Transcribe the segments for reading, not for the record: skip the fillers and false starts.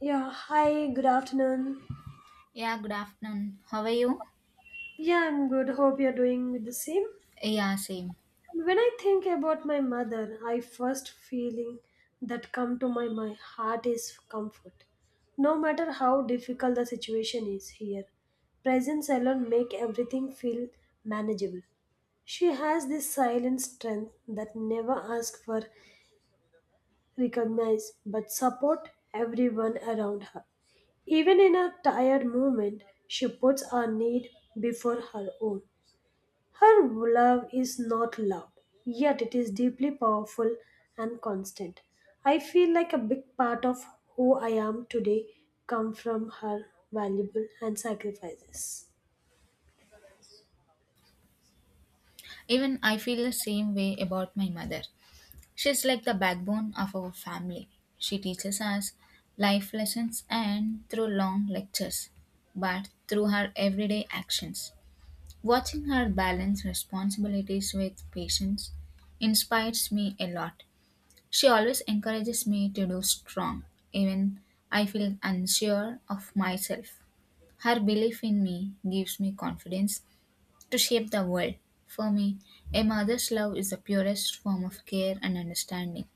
Yeah, hi, good afternoon. Yeah, good afternoon. How are you? Yeah, I'm good. Hope you're doing with the same. Yeah, same. And when I think about my mother, I first feeling that come to my heart is comfort. No matter how difficult the situation is here, presence alone make everything feel manageable. She has this silent strength that never asks for recognize but support everyone around her. Even in a tired moment, she puts our need before her own. Her love is not loud, yet it is deeply powerful and constant. I feel like a big part of who I am today come from her valuable and sacrifices. Even I feel the same way about my mother. She's like the backbone of our family. She teaches us life lessons and through long lectures, but through her everyday actions. Watching her balance responsibilities with patience inspires me a lot. She always encourages me to do strong, even I feel unsure of myself. Her belief in me gives me confidence to shape the world. For me, a mother's love is the purest form of care and understanding.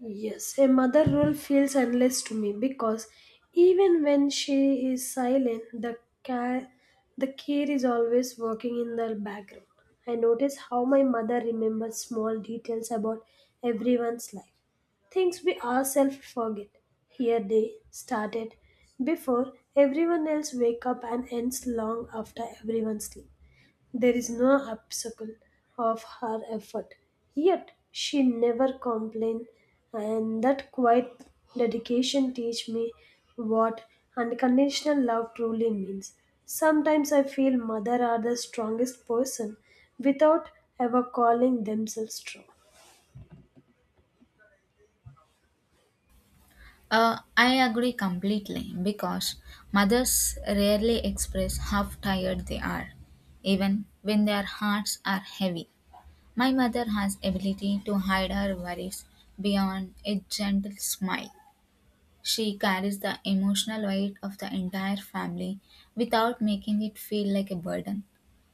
Yes, a mother role feels endless to me because even when she is silent, care, the care is always working in the background. I notice how my mother remembers small details about everyone's life, things we ourselves forget. Here they started before everyone else wake up and ends long after everyone sleep. There is no obstacle of her effort, yet she never complained, and that quiet dedication teach me what unconditional love truly means. Sometimes I feel mother are the strongest person without ever calling themselves strong. I agree completely because mothers rarely express how tired they are, even when their hearts are heavy. My mother has ability to hide her worries beyond a gentle smile. She carries the emotional weight of the entire family without making it feel like a burden.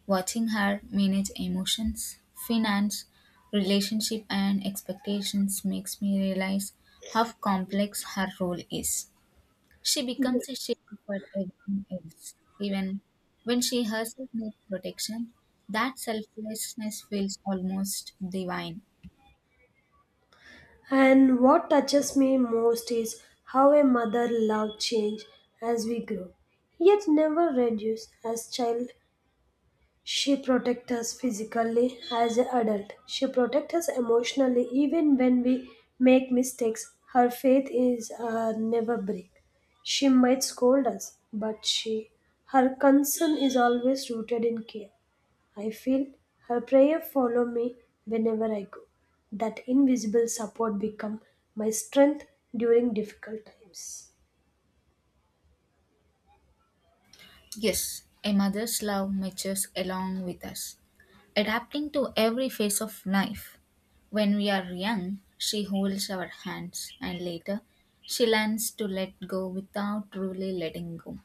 Watching her manage emotions, finance, relationship, and expectations makes me realize how complex her role is. She becomes a shield for everyone else, even when she herself needs protection. That selflessness feels almost divine. And what touches me most is how a mother love change as we grow, yet never reduce as child. She protects us physically as an adult. She protects us emotionally even when we make mistakes. Her faith is never break. She might scold us, but she her concern is always rooted in care. I feel her prayer follow me whenever I go. That invisible support become my strength during difficult times. Yes, a mother's love matures along with us, adapting to every phase of life. When we are young, she holds our hands, and later, she learns to let go without truly letting go.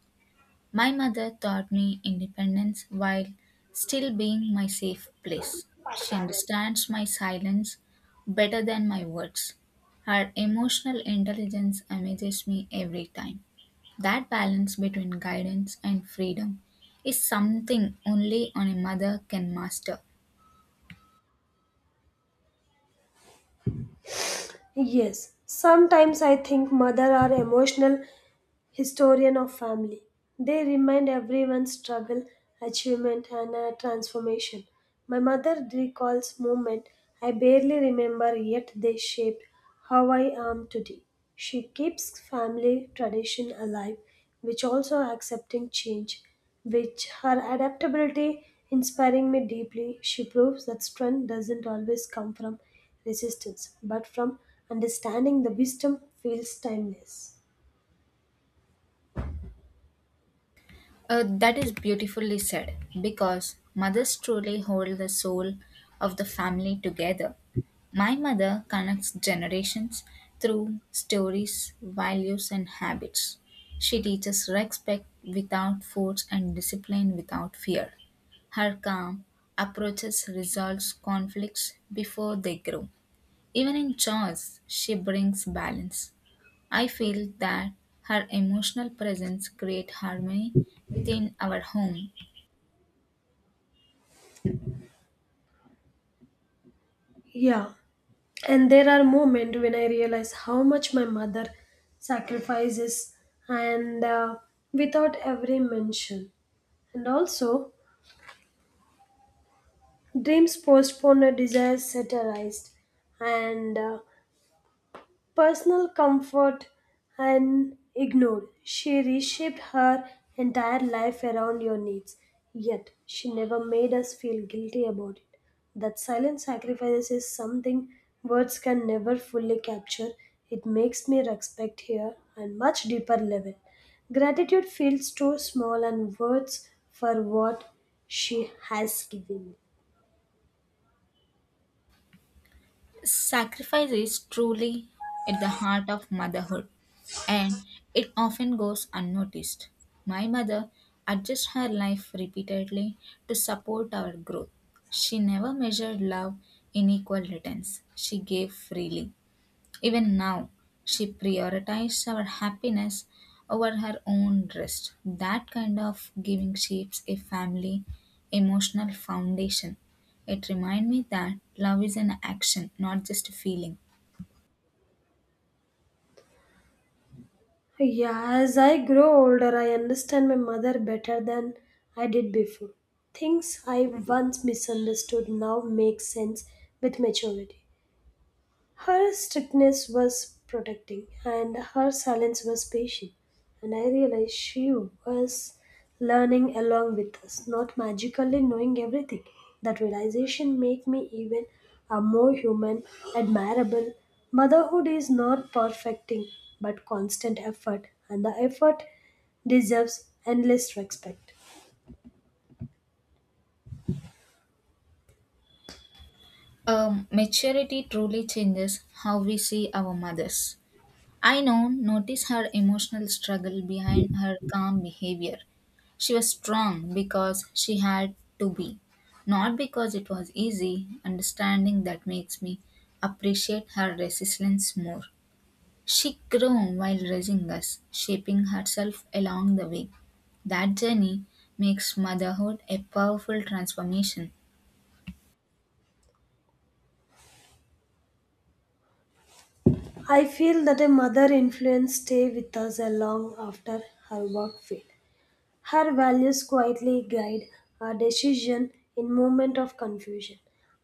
My mother taught me independence while still being my safe place. She understands my silence better than my words. Her emotional intelligence amazes me every time. That balance between guidance and freedom is something only on a mother can master. Yes, sometimes I think mother are emotional historian of family. They remind everyone's struggle, achievement, and transformation. My mother recalls moments I barely remember, yet they shaped how I am today. She keeps family tradition alive, which also accepting change, which her adaptability inspiring me deeply. She proves that strength doesn't always come from resistance, but from understanding the wisdom feels timeless. That is beautifully said because mothers truly hold the soul of the family together. My mother connects generations through stories, values, and habits. She teaches respect without force and discipline without fear. Her calm approaches resolves conflicts before they grow. Even in chores, she brings balance. I feel that her emotional presence creates harmony within our home. Yeah, and there are moments when I realize how much my mother sacrifices and without every mention and also dreams postponed or desires satirized and personal comfort and ignored. She reshaped her entire life around your needs, yet she never made us feel guilty about it. That silent sacrifice is something words can never fully capture. It makes me respect her on much deeper level. Gratitude feels too small and words for what she has given. Sacrifice is truly at the heart of motherhood, and it often goes unnoticed. My mother adjusts her life repeatedly to support our growth. She never measured love in equal returns, she gave freely. Even now, she prioritizes our happiness over her own rest. That kind of giving shapes a family emotional foundation. It reminds me that love is an action, not just a feeling. Yeah, as I grow older, I understand my mother better than I did before. Things I once misunderstood now make sense with maturity. Her strictness was protecting, and her silence was patient. And I realized she was learning along with us, not magically knowing everything. That realization made me even a more human, admirable. Motherhood is not perfecting, but constant effort, and the effort deserves endless respect. Maturity truly changes how we see our mothers. I now notice her emotional struggle behind her calm behavior. She was strong because she had to be, not because it was easy. Understanding that makes me appreciate her resilience more. She grew while raising us, shaping herself along the way. That journey makes motherhood a powerful transformation. I feel that a mother influence stay with us long after her work failed. Her values quietly guide our decision in moment of confusion.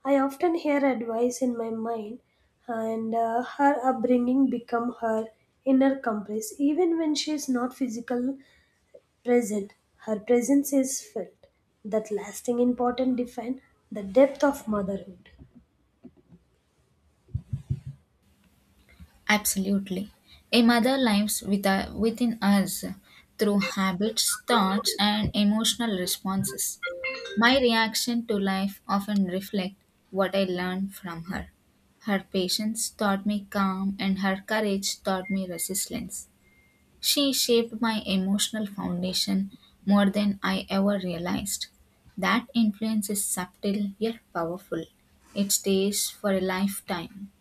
I often hear advice in my mind, and her upbringing become her inner compass. Even when she is not physical present, her presence is felt. That lasting important define the depth of motherhood. Absolutely. A mother lives within us through habits, thoughts, and emotional responses. My reaction to life often reflect what I learned from her. Her patience taught me calm and her courage taught me resilience. She shaped my emotional foundation more than I ever realized. That influence is subtle yet powerful. It stays for a lifetime.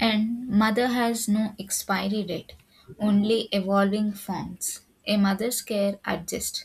And mother has no expiry date, only evolving forms. A mother's care adjusts,